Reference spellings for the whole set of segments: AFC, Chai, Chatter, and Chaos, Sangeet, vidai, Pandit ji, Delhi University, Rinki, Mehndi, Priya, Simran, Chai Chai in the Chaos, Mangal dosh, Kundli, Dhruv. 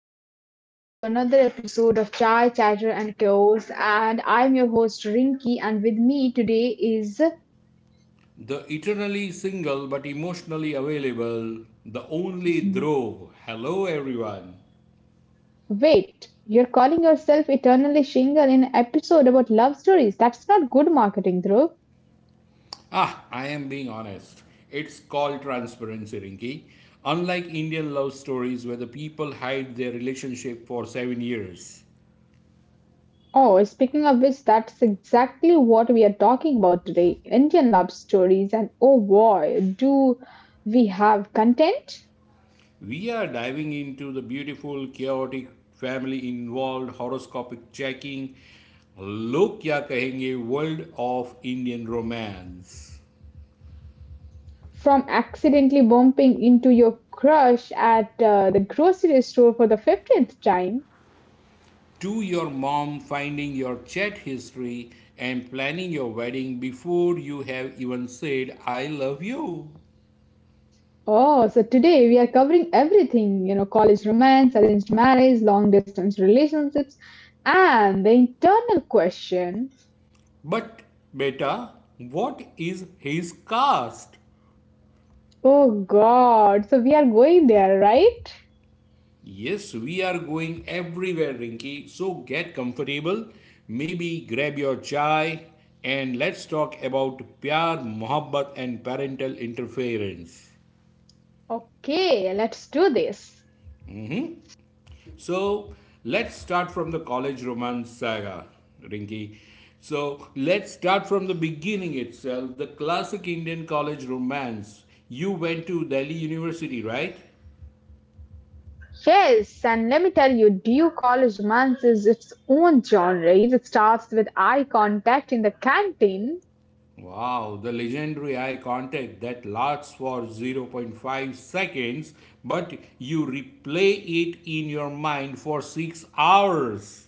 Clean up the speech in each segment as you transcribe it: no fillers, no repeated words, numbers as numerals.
and welcome back to another episode of Chai, Chatter, and Chaos. And I'm your host, Rinki, and with me today is. The eternally single but emotionally available, the only Dhruv. Hello, everyone. Wait, you're calling yourself eternally shingle in an episode about love stories. That's not good marketing, Dhruv. Ah, I am being honest. It's called transparency, Rinki. Unlike Indian love stories where the people hide their relationship for 7 years, Oh, speaking of which, that's exactly what we are talking about today Indian love stories, and oh boy, do we have content? we are diving into the beautiful, chaotic, family involved, horoscopic checking, look ya kahenge world of Indian romance. From accidentally bumping into your crush at the grocery store for the 15th time. To your mom finding your chat history and planning your wedding before you have even said I love you. Oh, so today we are covering everything, college romance, arranged marriage, long distance relationships, and the internal question. But beta, what is his caste? Oh God, so we are going there, right? Yes, we are going everywhere, Rinki. So get comfortable. Maybe grab your chai and let's talk about pyar, mohabbat and parental interference. Okay, let's do this. So let's start from the college romance saga, Rinki. So let's start from the beginning itself, the classic Indian college romance. You went to Delhi University, right? Yes, and let me tell you, due college romance is its own genre. It starts with eye contact in the canteen. Wow, the legendary eye contact that lasts for zero point 0.5 seconds, but you replay it in your mind for 6 hours.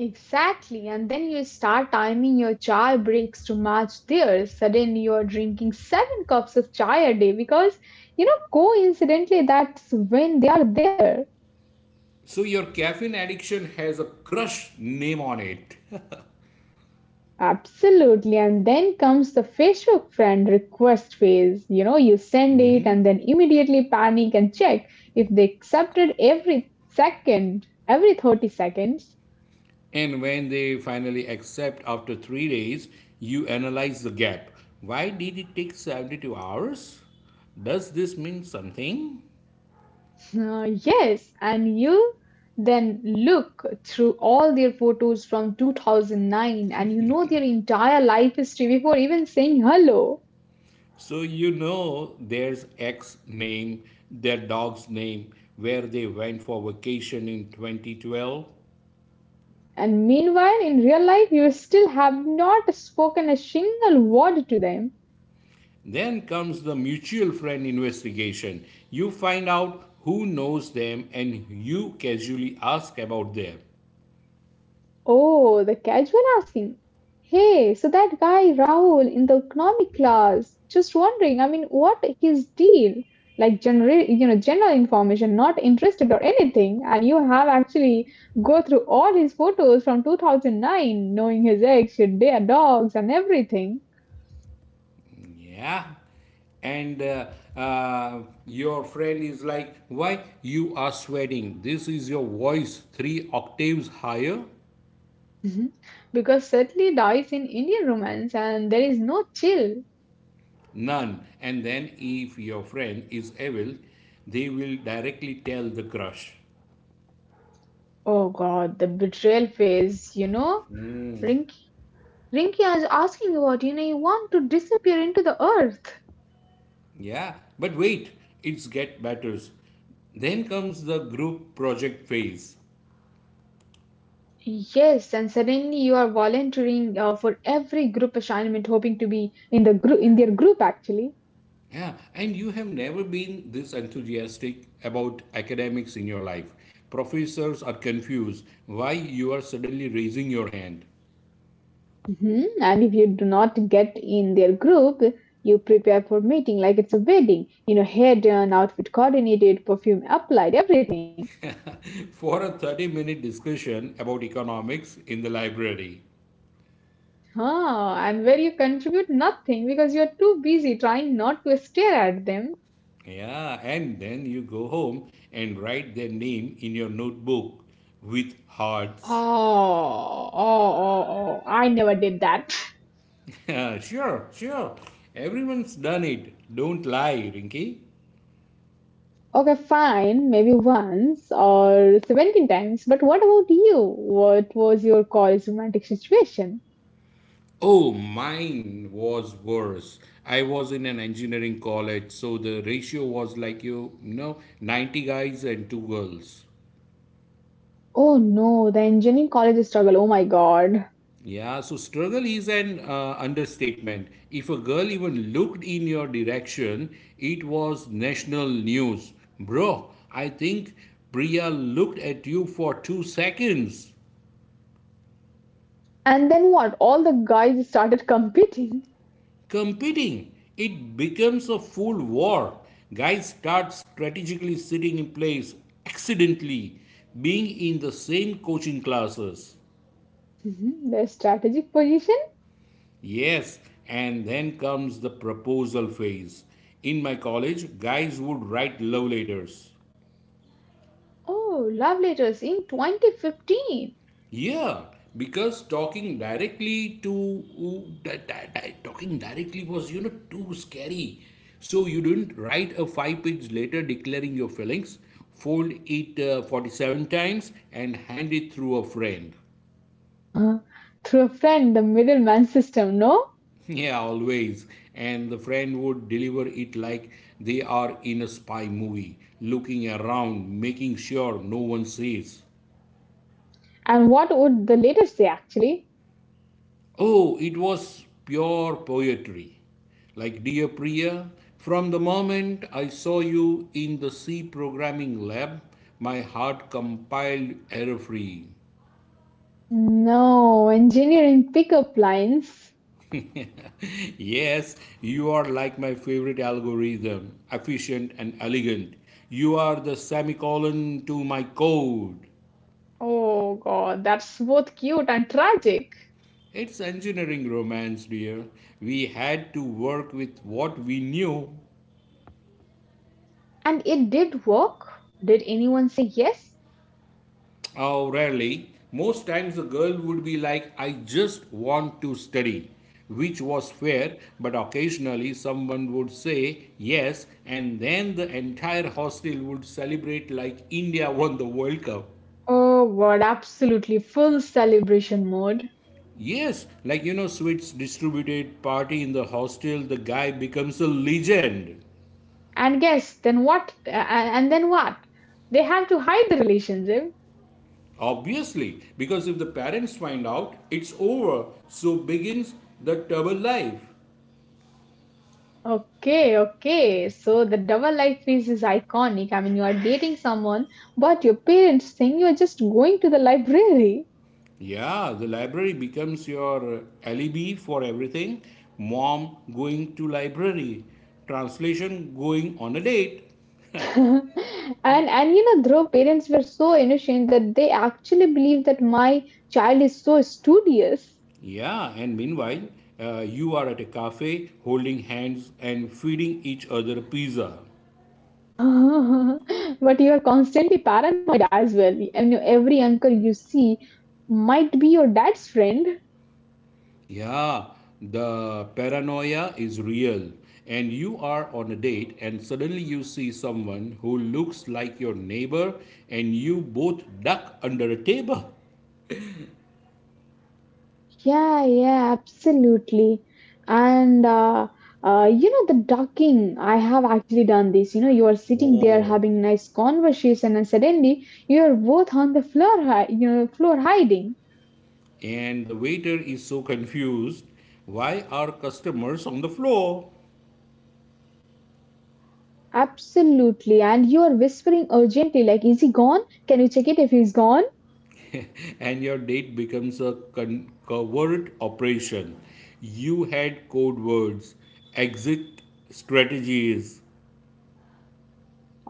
Exactly, and then you start timing your chai breaks to match theirs. Suddenly, you're drinking seven cups of chai a day because, coincidentally, that's when they are there. So your caffeine addiction has a crush name on it. Absolutely, and then comes the Facebook friend request phase. You know, you send it and then immediately panic and check if they accepted every second, every 30 seconds. And when they finally accept after 3 days, you analyze the gap. Why did it take 72 hours? Does this mean something? Yes, and you then look through all their photos from 2009 and you know their entire life history before even saying hello. So you know there's X name, their dog's name, where they went for vacation in 2012. And meanwhile, in real life, you still have not spoken a single word to them. Then comes the mutual friend investigation. You find out who knows them and you casually ask about them. Oh, the casual asking. Hey, so that guy Rahul in the economic class, just wondering, I mean, what his deal? Like general, general information, not interested or anything. And you have actually go through all his photos from 2009, knowing his ex, their dogs, and everything. Yeah. And your friend is like, Why you are sweating? This is your voice 3 octaves higher? Mhm. Because certainly dies in Indian romance, and there is no chill. None. And then, if your friend is evil, they will directly tell the crush. Oh God, the betrayal phase, Rinky is asking about, you want to disappear into the earth. Yeah. But wait, it's get better. Then comes the group project phase. Yes, and suddenly you are volunteering for every group assignment, hoping to be in their group actually. Yeah, and you have never been this enthusiastic about academics in your life. Professors are confused why you are suddenly raising your hand Mhm. And if you do not get in their group, you prepare for meeting like it's a wedding. You know, hair done, outfit coordinated, perfume applied, everything. for a 30-minute discussion about economics in the library. Huh, and where you contribute nothing because you are too busy trying not to stare at them. Yeah, and then you go home and write their name in your notebook with hearts. Oh, oh, oh, oh! I never did that. Sure, sure. Everyone's done it. Don't lie, Rinky. Okay, fine, maybe once or 17 times, but what about you? What was your college romantic situation? Oh, mine was worse. I was in an engineering college, so the ratio was like 90 guys and two girls. Oh no, the engineering college struggle. Oh my god. Yeah, so struggle is an understatement. If a girl even looked in your direction, it was national news. Bro, I think Priya looked at you for 2 seconds. And then what? All the guys started competing. Competing. It becomes a full war. Guys start strategically sitting in place, accidentally being in the same coaching classes. Their strategic position? Yes, and then comes the proposal phase. In my college, guys would write love letters. Oh, love letters in 2015. Yeah, because talking directly to ooh, di- di- di- talking directly was too scary. So you didn't write a five-page letter declaring your feelings, fold it 47 times, and hand it through a friend. Huh. Through a friend, the middleman system, no? Yeah, always. And the friend would deliver it like they are in a spy movie, looking around, making sure no one sees. And what would the letter say actually? Oh, it was pure poetry. Like dear Priya, from the moment I saw you in the C programming lab, my heart compiled error free. No, engineering pickup lines. Yes, you are like my favorite algorithm, efficient and elegant. You are the semicolon to my code. Oh God, that's both cute and tragic. It's engineering romance, dear. We had to work with what we knew. And it did work. Did anyone say yes? Oh, rarely. Most times the girl would be like, I just want to study, which was fair, but occasionally someone would say yes, and then the entire hostel would celebrate like India won the World Cup. Oh God, absolutely full celebration mode. Yes, like sweets distributed party in the hostel, the guy becomes a legend. And guess then what? And then what? They have to hide the relationship. Obviously, because if the parents find out, it's over, so begins the trouble life. Okay, okay. So the double life phase is iconic. I mean, you are dating someone, but your parents think you are just going to the library. Yeah, the library becomes your alibi for everything. Mom going to library, translation going on a date. And you know Dhruv, parents were so innocent that they actually believe that my child is so studious. Yeah, and meanwhile, you are at a cafe holding hands and feeding each other pizza. But you are constantly paranoid as well. And you know, every uncle you see might be your dad's friend. Yeah, the paranoia is real. And you are on a date, and suddenly you see someone who looks like your neighbor, and you both duck under a table. Yeah, yeah, absolutely. And you know the ducking, I have actually done this. You know, you are sitting there Oh. having nice conversation, and suddenly you are both on the floor, you know, floor hiding. And the waiter is so confused. Why are customers on the floor? Absolutely. And you are whispering urgently, like, is he gone? Can you check it if he's gone? And your date becomes a covert operation. You had code words, exit strategies.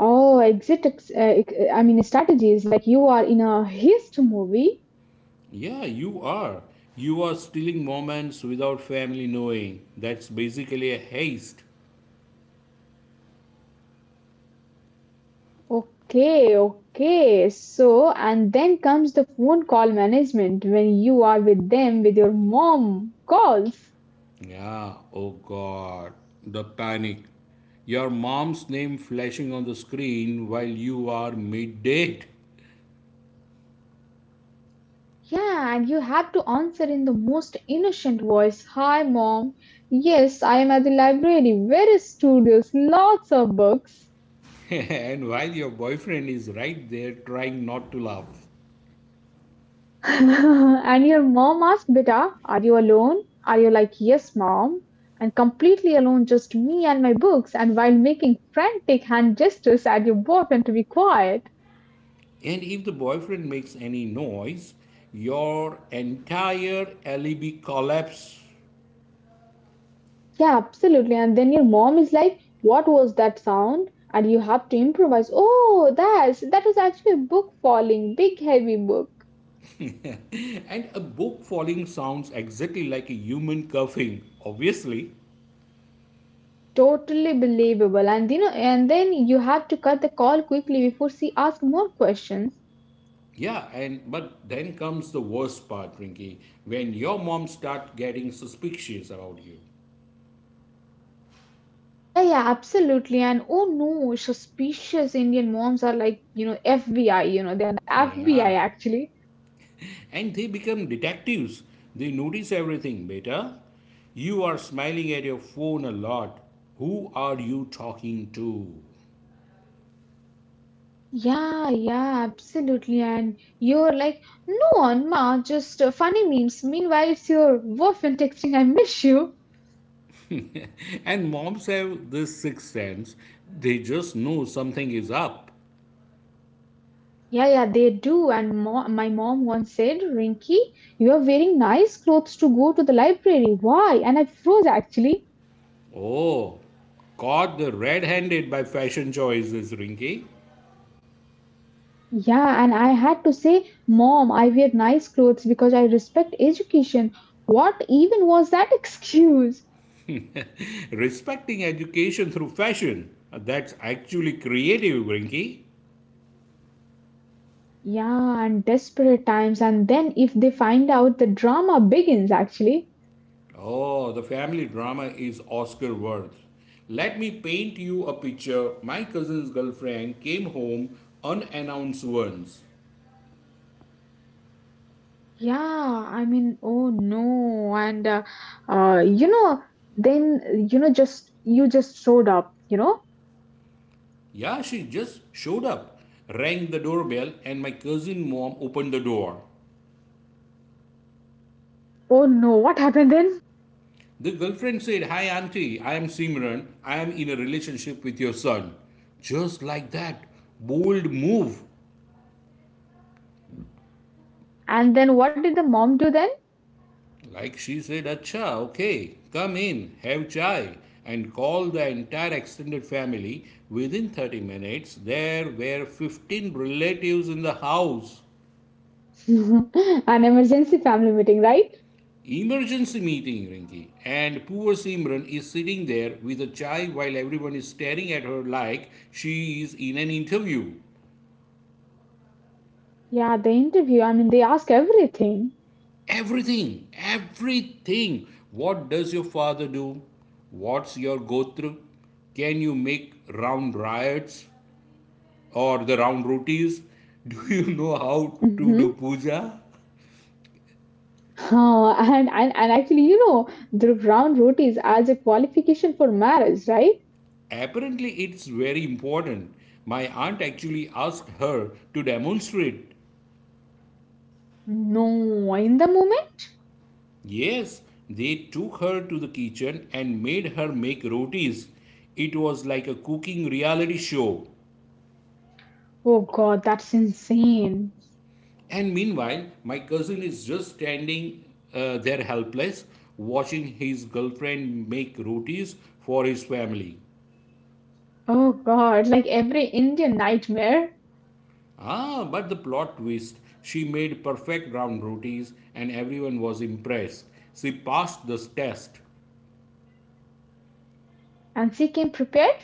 Oh, I mean, strategies. Like, you are in a heist movie. Yeah, you are stealing moments without family knowing. That's basically a heist. Okay, okay. So, and then comes the phone call management when you are with them with your mom calls. Yeah. Oh god, the panic. Your mom's name flashing on the screen while you are mid date. Yeah, and you have to answer in the most innocent voice. Hi, mom. Yes, I am at the library. Where is studios? Lots of books. And while your boyfriend is right there trying not to laugh. And your mom asked, Beta, are you alone? Are you like, yes, mom? And completely alone, just me and my books, and while making frantic hand gestures at your boyfriend to be quiet. And if the boyfriend makes any noise, your entire alibi collapse. Yeah, absolutely. And then your mom is like, what was that sound? And you have to improvise. Oh, that was actually a book falling, big heavy book. And a book falling sounds exactly like a human coughing, obviously. Totally believable. And you know, and then you have to cut the call quickly before she asks more questions. Yeah, and but then comes the worst part, Rinky, when your mom starts getting suspicious about you. Yeah, yeah, absolutely. And oh no, suspicious Indian moms are like, FBI, they're the Yeah. FBI actually. And they become detectives. They notice everything beta. You are smiling at your phone a lot. Who are you talking to? Yeah, yeah, absolutely. And you're like, no, Anma, just funny memes. Meanwhile, it's your boyfriend texting, I miss you. And moms have this sixth sense. They just know something is up. Yeah, yeah, they do. And my mom once said, Rinky, you are wearing nice clothes to go to the library. Why? And I froze actually. Oh, caught the red handed by fashion choices, Rinky. Yeah, and I had to say, Mom, I wear nice clothes because I respect education. What even was that excuse? Respecting education through fashion. That's actually creative, Rinky. Yeah, and desperate times. And then if they find out, the drama begins actually. Oh, the family drama is Oscar worth. Let me paint you a picture. My cousin's girlfriend came home unannounced once. Yeah, I mean, oh no. And, you know, then, you know, just, you just showed up, you know? Yeah, she just showed up, rang the doorbell, and my cousin mom opened the door. Oh no, what happened then? The girlfriend said, Hi, auntie, I am Simran. I am in a relationship with your son. Just like that, bold move. And then what did the mom do then? Like she said, Acha, okay, come in, have chai, and call the entire extended family. Within 30 minutes, there were 15 relatives in the house. An emergency family meeting, right? Emergency meeting, Rinki. And poor Simran is sitting there with a chai while everyone is staring at her like she is in an interview. Yeah, the interview, I mean, they ask everything. Everything, everything. What does your father do? What's your gotra? Can you make round riots? Or the round rotis. Do you know how to Hmm, do puja? and and actually, you know, the brown rotis as a qualification for marriage, right? Apparently, it's very important. My aunt actually asked her to demonstrate. No, in the moment? Yes, they took her to the kitchen and made her make rotis. It was like a cooking reality show. Oh God, that's insane. And meanwhile, my cousin is just standing there helpless, watching his girlfriend make rotis for his family. Oh God, like every Indian nightmare. Ah, but the plot twist. She made perfect round rotis and everyone was impressed. She passed the test. And she came prepared?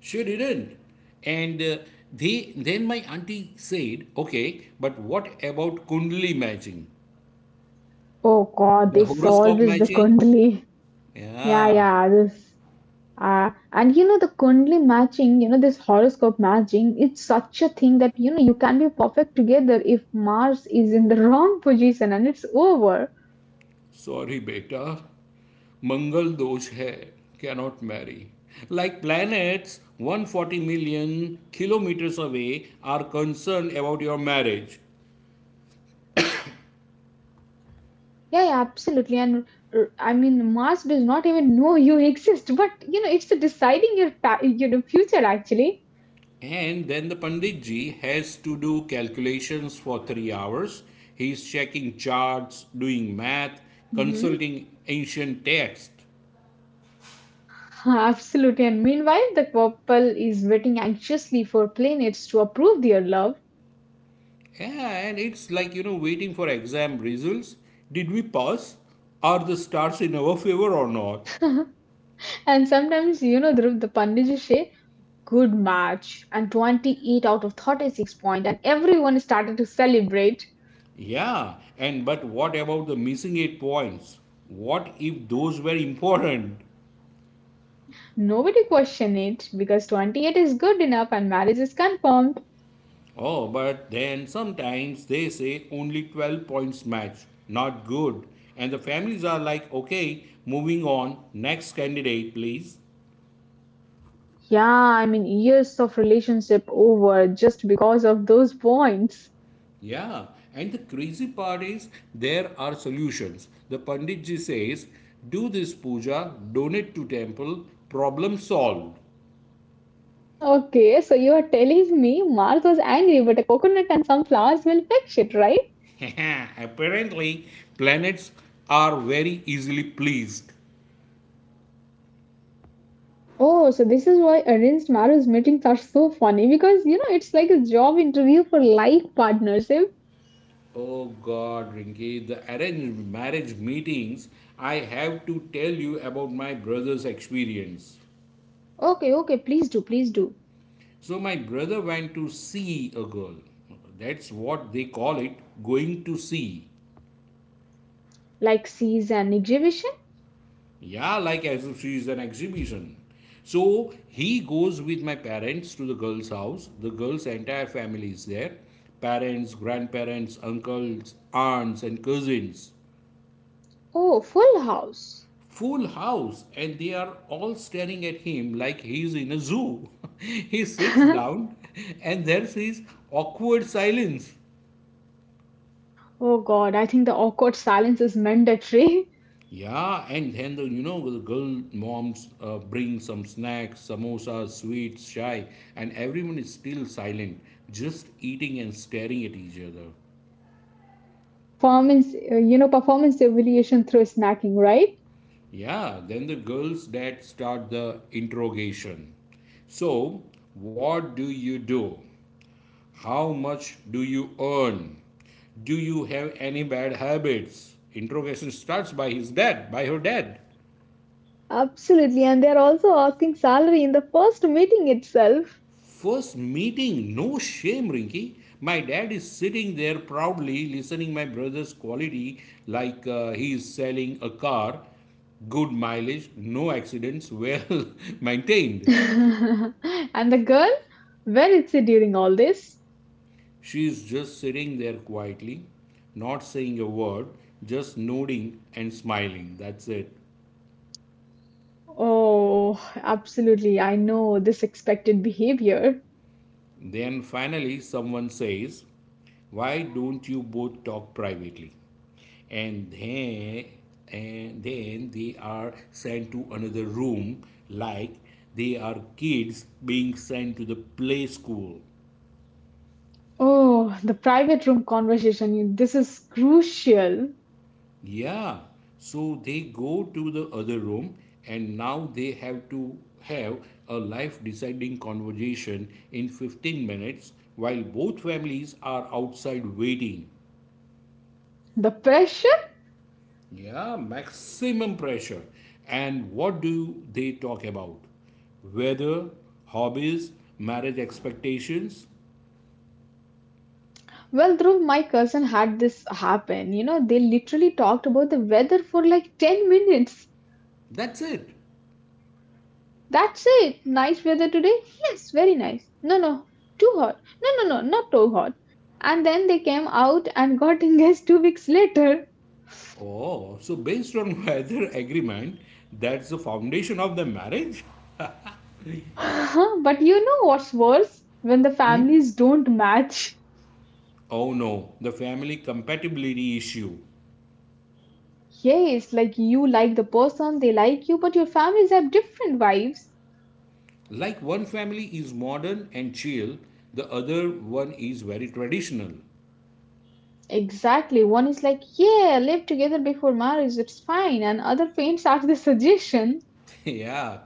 She didn't. And then my auntie said, okay, but what about Kundli matching? Oh God, The this horoscope always the matching? Kundli. Yeah, Yeah. yeah, this. And you know, the Kundli matching, you know, this horoscope matching, it's such a thing that, you know, you can be perfect together if Mars is in the wrong position and it's over. Sorry, beta. Mangal dosh hai, cannot marry like planets 140 million kilometers away are concerned about your marriage. Yeah, yeah, absolutely. And I mean, Mars does not even know you exist, but you know, it's deciding your future actually. And then the Pandit ji has to do calculations for 3 hours. He is checking charts, doing math, Hmm. consulting ancient text. Absolutely. And meanwhile, the couple is waiting anxiously for planets to approve their love. Yeah, and it's like, waiting for exam results. Did we pass? Are the stars in our favor or not? And sometimes, you know, Dhruv, the Pandit say, good match. And 28 out of 36 point. And everyone started to celebrate. Yeah, and but what about the missing 8 points? What if those were important? Nobody questioned it because 28 is good enough and marriage is confirmed. Oh, but then sometimes they say only 12 points match, not good. And the families are like, okay, moving on, next candidate, please. Yeah, I mean, years of relationship over just because of those points. Yeah, and the crazy part is there are solutions. The Pandit ji says, do this puja, donate to temple, problem solved. Okay, so you are telling me Mars was angry, but a coconut and some flowers will fix it, right? Apparently, planets are very easily pleased. Oh, so this is why arranged marriage meetings are so funny because you know it's like a job interview for life partnership. Oh God, Rinki, the arranged marriage meetings, I have to tell you about my brother's experience. Okay, okay, please do, please do. So, my brother went to see a girl. That's what they call it, going to see. Like sees an exhibition? Yeah, like as if she is an exhibition. So, he goes with my parents to the girl's house. The girl's entire family is there: parents, grandparents, uncles, aunts, and cousins. Oh, full house. Full house and they are all staring at him like he's in a zoo. He sits Oh down and there's his awkward silence. god, I think the awkward silence is mandatory. Yeah, and then the you know the girl moms bring some snacks, samosas, sweets, chai, and everyone is still silent, just eating and staring at each other. Performance, you know, performance evaluation through snacking, right? Yeah, then the girls dad start the interrogation. So, what do you do? How much do you earn? Do you have any bad habits? Interrogation starts by her dad. Absolutely, and they're also asking salary in the first meeting itself. First meeting, no shame, Rinki. My dad is sitting there proudly listening my brother's quality like he is selling a car. Good mileage, no accidents, well maintained. And the girl, where is she during all this? She is just sitting there quietly, not saying a word, just nodding and smiling. That's it. Oh, absolutely. I know this expected behavior. Then finally, someone says, Why don't you both talk privately? And then, and then they are sent to another room like they are kids being sent to the play school. Oh, the private room conversation. This is crucial. Yeah, so they go to the other room and now they have to have a life deciding conversation in 15 minutes while both families are outside waiting. The pressure? Yeah, maximum pressure. And what do they talk about? Weather, hobbies, marriage expectations. Well, Dhruv, my cousin had this happen. You know, they literally talked about the weather for like 10 minutes. That's it. That's it. Nice weather today? Yes, very nice. No, no, too hot. No, no, no, not too hot. And then they came out and got engaged 2 weeks later. Oh, so based on weather agreement, that's the foundation of the marriage? But you know what's worse? When the families don't match. Oh no, the family compatibility issue. Yes, like you like the person, they like you, but your families have different vibes. Like one family is modern and chill, the other one is very traditional. Exactly. One is like, yeah, live together before marriage, it's fine. And other faints at the suggestion. Yeah,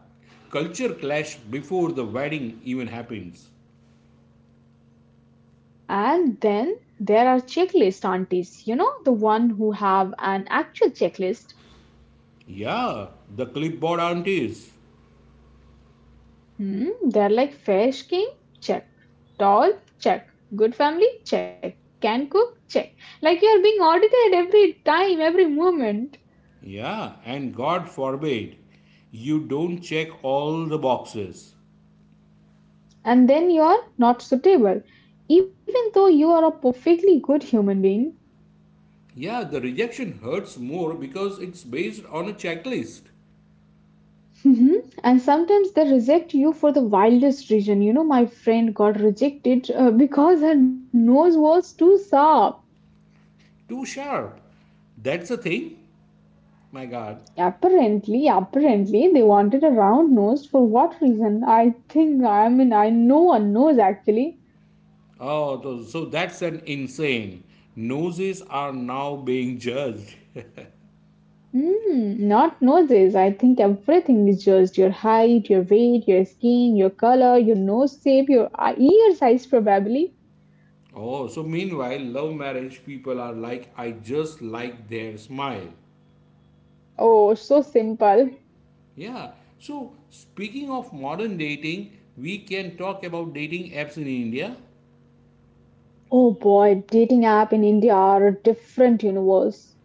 culture clash before the wedding even happens. And then there are checklist aunties, you know, the one who have an actual checklist. Yeah, the clipboard aunties. Hmm, they're like fair skin, check. Tall, check. Good family, check. Can cook, check. Like you're being audited every time, every moment. Yeah, and God forbid you don't check all the boxes. And then you're not suitable, even though you are a perfectly good human being. Yeah, the rejection hurts more because it's based on a checklist. Mhm. And sometimes they reject you for the wildest reason. You know, my friend got rejected because her nose was too soft. Too sharp. That's a thing? My God. Apparently, apparently they wanted a round nose for what reason? I think I mean I no one knows actually. Oh, so that's an insane. Noses are now being judged. Hmm, not noses. I think everything is just your height, your weight, your skin, your color, your nose shape, your ear size probably. Oh, so meanwhile, love marriage people are like, I just like their smile. Oh, so simple. Yeah. So speaking of modern dating, we can talk about dating apps in India. Oh boy, dating app in India are a different universe.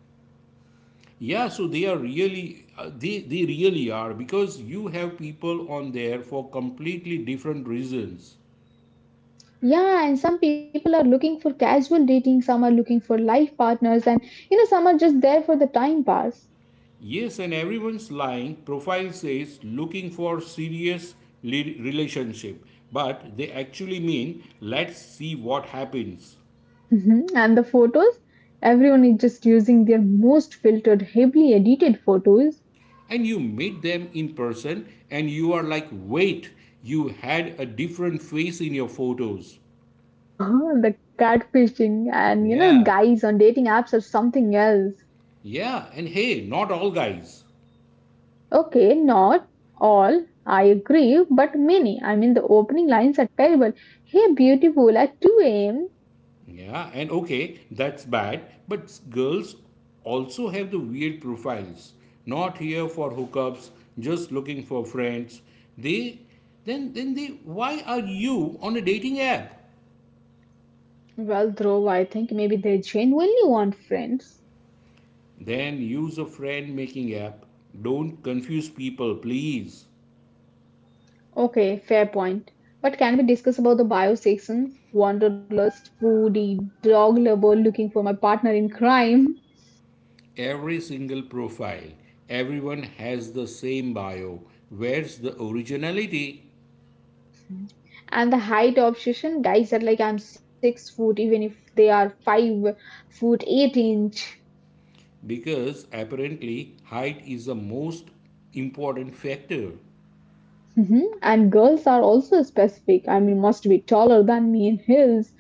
Yeah, so they are really they really are because you have people on there for completely different reasons. Yeah, and some people are looking for casual dating, some are looking for life partners, and some are just there for the time pass. Yes, and everyone's lying profile says looking for serious relationship, but they actually mean let's see what happens. Mhm. And the photos, everyone is just using their most filtered, heavily edited photos. And you meet them in person and you are like, wait, you had a different face in your photos. The catfishing and you know, Yeah, guys on dating apps are something else. yeah, and hey, not all guys. Okay, not all, I agree, but many. I mean, the opening lines are terrible. Hey, beautiful, at 2 a.m. Yeah, and okay, that's bad, but girls also have the weird profiles. Not here for hookups, just looking for friends. They, then why are you on a dating app? Well, though, I think maybe they genuinely want friends. Then use a friend making app. Don't confuse people, please. Okay, fair point. But can we discuss about the bio sections? Wanderlust, foodie, dog lover, looking for my partner in crime, Every single profile, everyone has the same bio. Where's the originality? and the height obsession. Guys are like, I'm 6 foot, even if they are 5 foot 8 inch. Because apparently height is the most important factor. Mhm. And girls are also specific. I mean, must be taller than me in heels.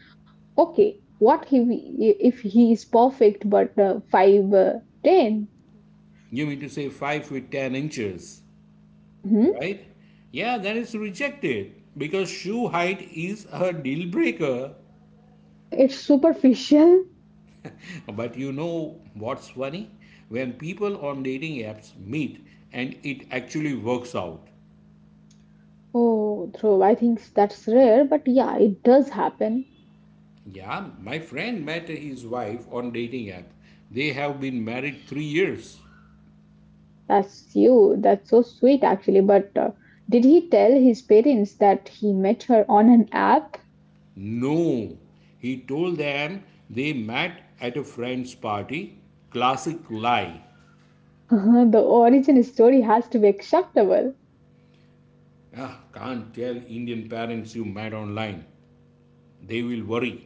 Okay, what if if he is perfect but five ten? You mean to say 5 feet 10 inches, Mhm. right? Yeah, that is rejected because shoe height is a deal breaker. It's superficial. But you know what's funny? When people on dating apps meet and it actually works out. Oh, Dhruv, I think that's rare, but yeah, it does happen. Yeah, my friend met his wife on dating app. They have been married 3 years. That's you. That's so sweet, actually. But did he tell his parents that he met her on an app? No, he told them they met at a friend's party. Classic lie. The origin story has to be acceptable. Ah, can't tell Indian parents you met online. They will worry.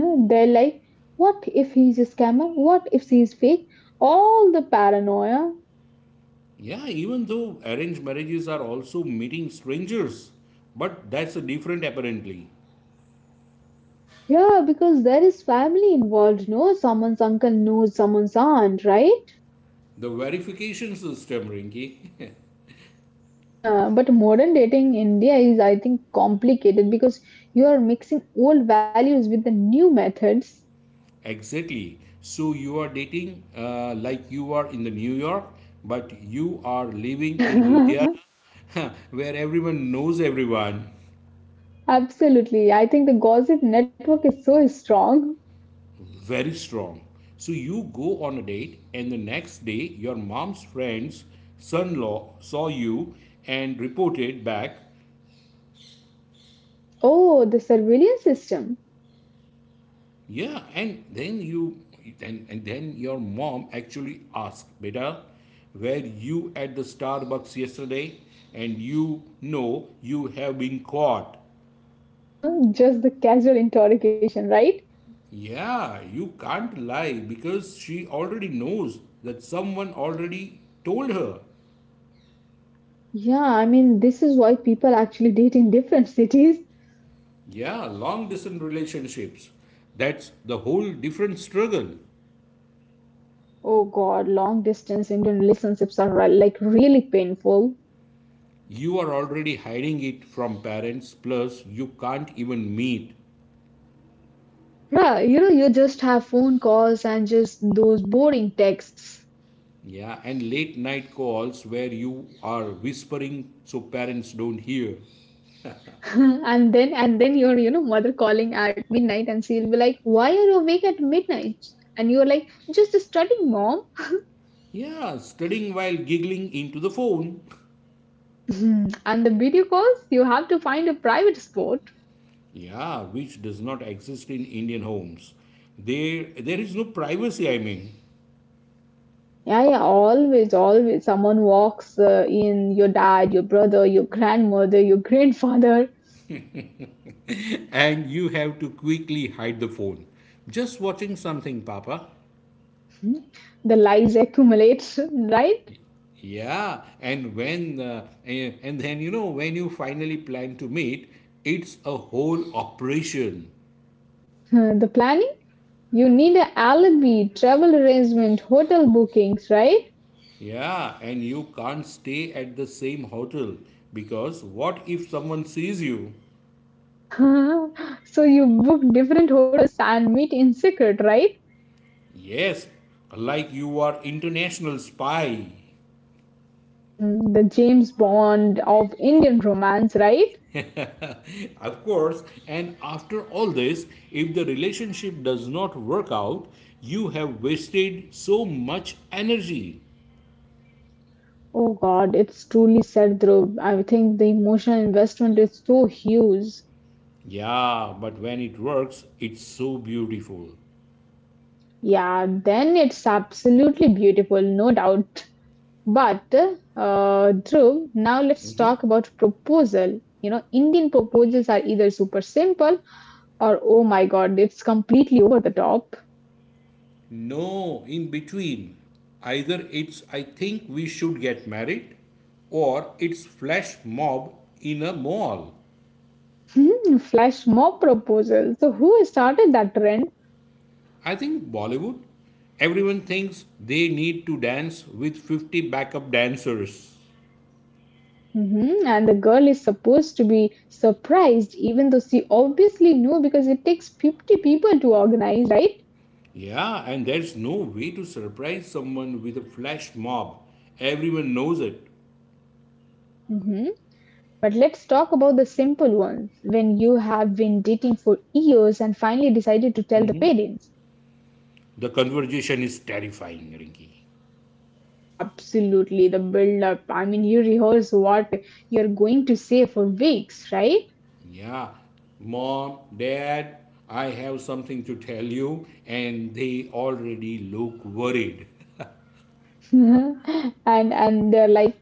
They're like, what if he's a scammer? What if she's fake? All the paranoia. Yeah, even though arranged marriages are also meeting strangers. But that's a different apparently. Yeah, because there is family involved, no? Someone's uncle knows someone's aunt, right? The verification system, Rinki. Huh, but modern dating in India is, I think, complicated because you are mixing old values with the new methods. Exactly. So you are dating like you are in the New York, but you are living in Ludhiana, where everyone knows everyone. Absolutely. I think the gossip network is so strong. Very strong. So you go on a date, and the next day, your mom's friend's son in law saw you and reported back. Oh, the surveillance system. Yeah, and then you, and then your mom actually asked, Beta, were you at the Starbucks yesterday? And you know you have been caught. Just the casual interrogation, right? Yeah, you can't lie because she already knows that someone already told her. Yeah, I mean, this is why people actually date in different cities. Yeah, long distance relationships. That's the whole different struggle. Oh God, long distance Indian relationships are like really painful. You are already hiding it from parents, plus, you can't even meet. Yeah, you just have phone calls and just those boring texts. Yeah, and late night calls where you are whispering so parents don't hear. And then your mother calling at midnight, and she'll be like, why are you awake at midnight? And you're like, just studying, mom. Yeah, studying while giggling into the phone. and the video calls, you have to find a private spot. Yeah, which does not exist in Indian homes. There is no privacy, I mean. Yeah, yeah, always someone walks in. Your dad, your brother, your grandmother, your grandfather. And you have to quickly hide the phone. Just watching something, Papa. Hmm? The lies accumulate. right. Yeah, and when and then you know when you finally plan to meet, it's a whole operation. The planning, you need an alibi, travel arrangement, hotel bookings, right? Yeah, and you can't stay at the same hotel because what if someone sees you? So you book different hotels and meet in secret, right? Yes, like you are international spy. Mhm. The James Bond of Indian romance, right? Of course, and after all this, if the relationship does not work out, you have wasted so much energy. Oh God, it's truly said, Dhruv. I think the emotional investment is so huge. Yeah, but when it works, it's so beautiful. Yeah, then it's absolutely beautiful, no doubt. But Dhruv, now let's talk about proposal. Indian proposals are either super simple or oh my God, it's completely over the top. No, in between. Either it's I think we should get married or it's flash mob in a mall. Flash mob proposal. So who started that trend? I think Bollywood, everyone thinks they need to dance with 50 backup dancers. Mhm. And the girl is supposed to be surprised, even though she obviously knew because it takes 50 people to organize, right? Yeah, and there's no way to surprise someone with a flash mob. Everyone knows it. Mhm. But let's talk about the simple ones. When you have been dating for years and finally decided to tell the parents. The conversation is terrifying, Rinki. Absolutely, the build up. I mean, you rehearse what you're going to say for weeks, right? Yeah, mom, dad, I have something to tell you, and they already look worried. And they're like,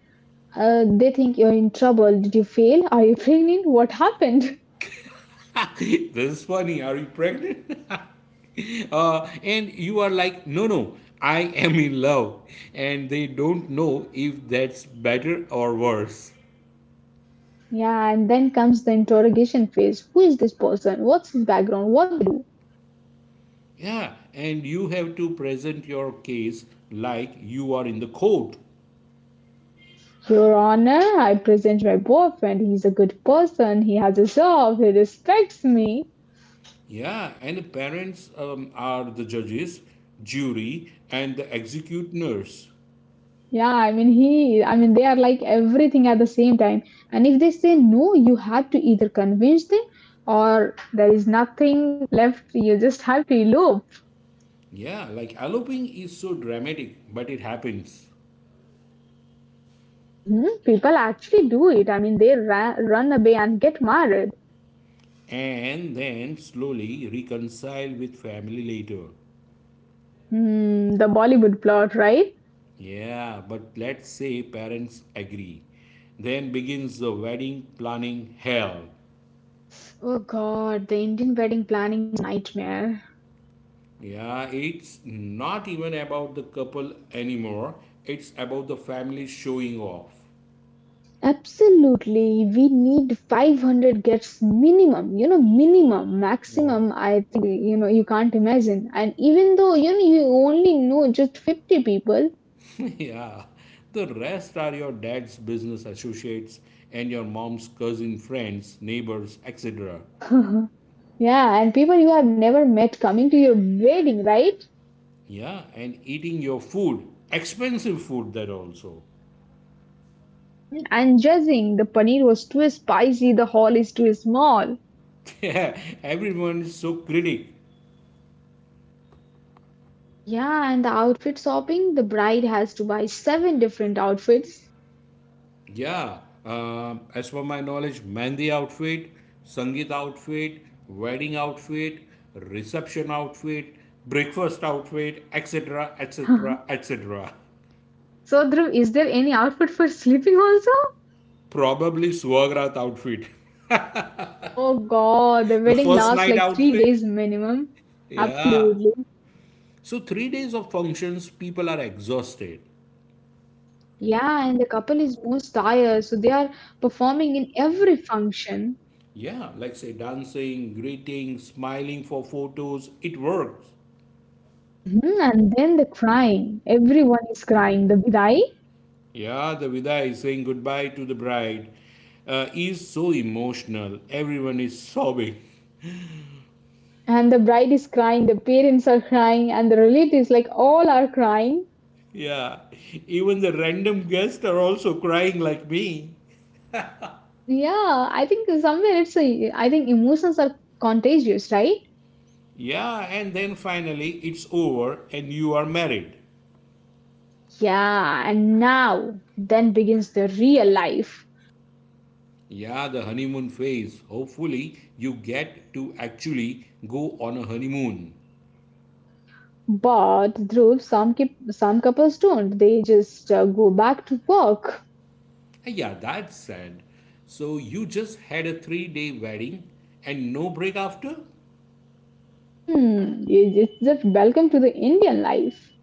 They think you're in trouble. Did you fail? Are you pregnant? What happened? This is funny. Are you pregnant? And you are like, no, no, I am in love, and they don't know if that's better or worse. Yeah, and then comes the interrogation phase. Who is this person? What's his background? What? Yeah, and you have to present your case like you are in the court. Your Honor, I present my boyfriend. He's a good person. He has a job. He respects me. Yeah, and the parents are the judges, jury, and the executioners. Yeah, I mean he. I mean they are like everything at the same time. And if they say no, you have to either convince them or there is nothing left. You just have to elope. Yeah, like eloping is so dramatic, but it happens. People actually do it. I mean they run away and get married. And then slowly reconcile with family later. Hmm, the Bollywood plot, right? Yeah, but let's say parents agree. Then begins the wedding planning hell. Oh God, the Indian wedding planning is a nightmare. Yeah, it's not even about the couple anymore, it's about the family showing off. Absolutely, we need 500 guests minimum, minimum, maximum. I think, you can't imagine. And even though, you only know just 50 people, Yeah, the rest are your dad's business associates and your mom's cousin friends, neighbors, etc. yeah, and people you have never met coming to your wedding, right? Yeah, and eating your food, expensive food that also. Mhm. And judging the paneer was too spicy, the hall is too small. Yeah, everyone is so critic. Yeah, and the outfit shopping, the bride has to buy seven different outfits. Yeah, as per my knowledge, Mehndi outfit, Sangeet outfit, wedding outfit, reception outfit, breakfast outfit, etc., so, etc., etc. Dhruv, is there any outfit for sleeping also? Probably Swagrat outfit, Oh god, the the wedding first lasts night like three outfit. days minimum. Yeah. Absolutely. So 3 days of functions, people are exhausted. Yeah, and the couple is most tired, so they are performing in every function. Yeah, like say dancing, greeting, smiling for photos, it works. Mhm. And then the crying. Everyone is crying. The bidai. Yeah, the vidai is saying goodbye to the bride is so emotional. Everyone is sobbing. And the bride is crying, the parents are crying, and the relatives, like all are crying. Yeah, even the random guests are also crying like me. Yeah, I think somewhere it's a, I think emotions are contagious, right? Yeah, and then finally it's over and you are married. Yeah, and now then begins the real life. Yeah, the honeymoon phase. Hopefully, you get to actually go on a honeymoon. But Dhruv, some couples don't. They just go back to work. Hey, yeah, that's sad. So you just had a 3 day wedding and no break after? It's just welcome to the Indian life.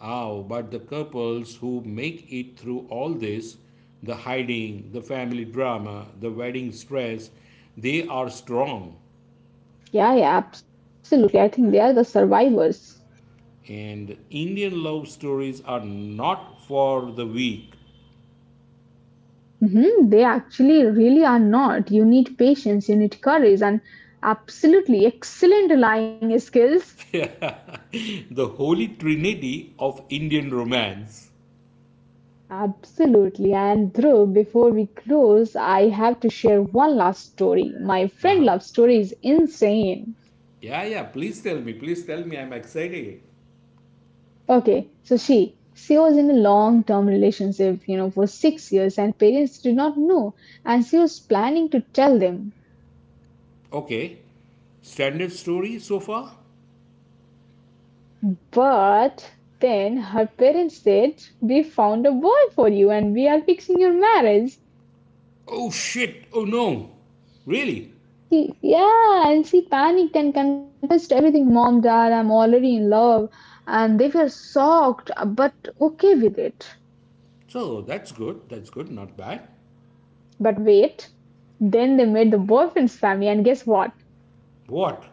Oh, but the couples who make it through all this, the hiding, the family drama, the wedding stress, they are strong. Yeah, yeah, absolutely. I think they are the survivors. And Indian love stories are not for the weak. They actually really are not. You need patience, you need courage, and absolutely excellent lying skills. The holy trinity of Indian romance. Absolutely. And Dhruv, before we close, I have to share one last story. My Uh friend huh. love story is insane. Yeah, yeah, please tell me, I'm excited. Okay, so she was in a long term relationship, for 6 years, and parents did not know, and she was planning to tell them. Okay. Standard story so far? But then her parents said, "We found a boy for you, and we are fixing your marriage." Oh shit! Oh no! Really? Yeah, and she panicked and confessed everything. Mom, dad, I'm already in love. And they were shocked, but okay with it. So that's good, not bad. But wait, then they met the boyfriend's family, and guess what? What?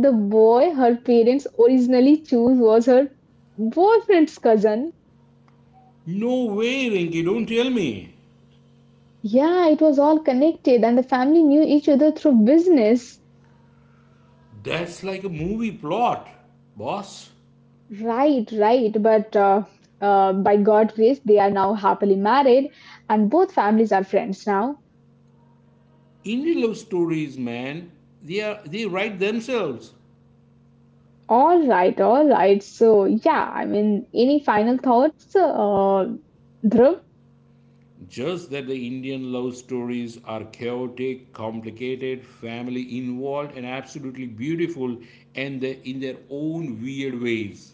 The boy her parents originally chose was her boyfriend's cousin. No way, Rinky, don't tell me. Yeah, it was all connected, and the family knew each other through business. That's like a movie plot, boss. Right, right. But by God's grace, they are now happily married, and both families are friends now. Indian love stories, man, they, are, they write themselves. All right, all right. So, yeah, I mean, any final thoughts, Dhruv? Just that the Indian love stories are chaotic, complicated, family involved, and absolutely beautiful and in their own weird ways.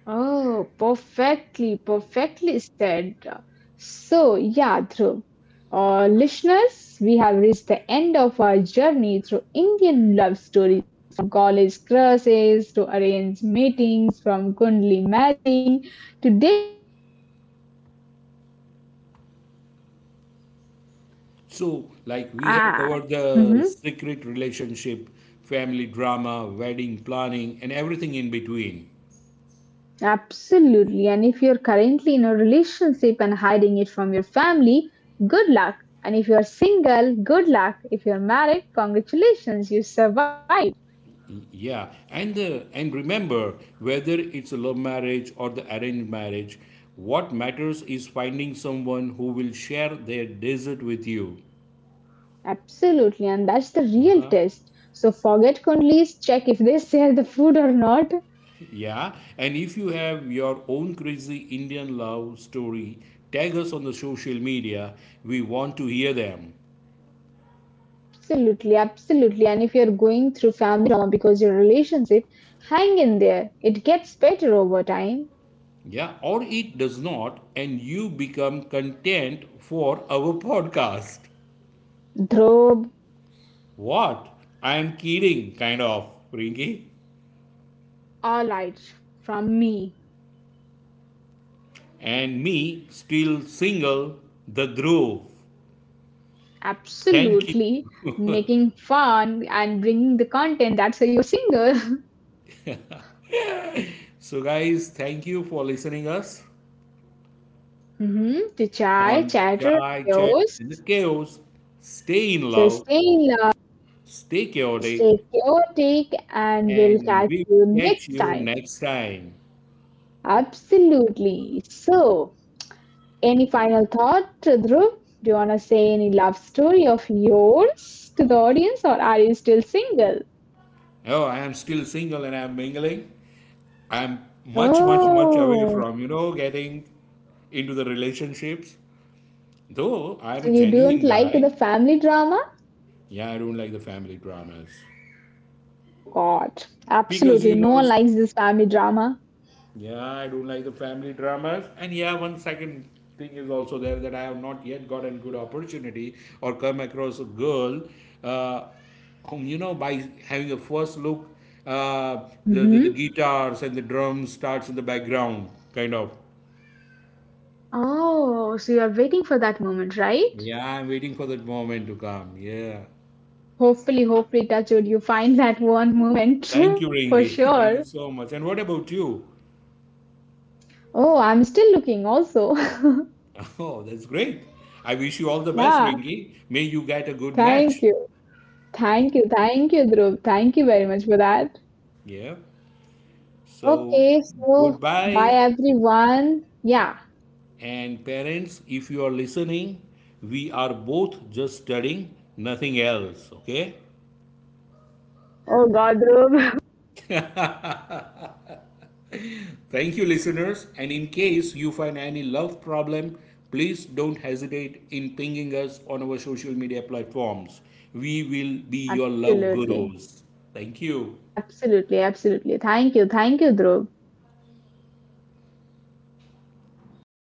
Oh, perfectly, perfectly said. So, yeah, Dhruv, listeners, we have reached the end of our journey through Indian love stories from college crushes to arranged meetings, from Kundli magic to dating apps, right? So, like we have Ah. covered the Mhm. secret relationship, family drama, wedding planning, and everything in between. Absolutely. And if you're currently in a relationship and hiding it from your family, good luck. And if you're single, good luck. If you're married, congratulations, you survived. Yeah, and remember, whether it's a love marriage or the arranged marriage, what matters is finding someone who will share their desert with you. Absolutely. And that's the real Uh-huh. test. So forget Kundli's, check if they share the food or not. Yeah, and if you have your own crazy Indian love story, tag us on the social media. We want to hear them. Absolutely, absolutely. And if you're going through family drama because your relationship, hang in there. It gets better over time. Yeah, or it does not, and you become content for our podcast. Dhruv, What? I'm kidding, kind of, Rinky. all right from me. And me, still single, the groove. Thank you. Absolutely. Making fun and bringing the content that's a your single. So, guys, thank you for listening us hmm To chai, on chatter, Chai Chai chaos. in the Chaos. Stay in So love, stay in love, stay chaotic, stay chaotic, and we'll and catch we you will catch next you time. next time. Absolutely. So, any final thought, Dhruv? Do you want to say any love story of yours to the audience, or are you still single? Oh, I am still single and I'm mingling. I'm much, much, much away Oh, from, you know, getting into the relationships. Though I'm a so you genuine don't like the guy, family drama? yeah, I don't like the family dramas. Oh God, Because, you absolutely. No know, one likes this family drama. yeah, I don't like the family dramas. And yeah, one second thing is also there that I have not yet got a good opportunity or come across a girl uh, whom, you know, by having a first look, the hmm guitars and the drums starts in the background, kind of. Oh, so you're waiting for that moment, right? Yeah, I'm waiting for that moment to come. Yeah. Hopefully, hopefully, touch wood, you find that one moment Thank you, for Ringy. sure. Thank you Oh, so much. And what about you? I'm still looking also. Oh, that's great. I wish you all the best, Yeah, Ringy. May you get a good thank match. you. Thank you. Thank you, Dhruv. Thank you very much for that. Yeah. So, Okay, so bye goodbye. everyone. Yeah. And parents, if you are listening, we are both just studying, nothing else. Okay? Oh God, Dhruv. Thank you, listeners. And in case you find any love problem, please don't hesitate in pinging us on our social media platforms. We will be your love Absolutely. gurus. Thank you. Absolutely. Absolutely. Thank you. Thank you, Dhruv.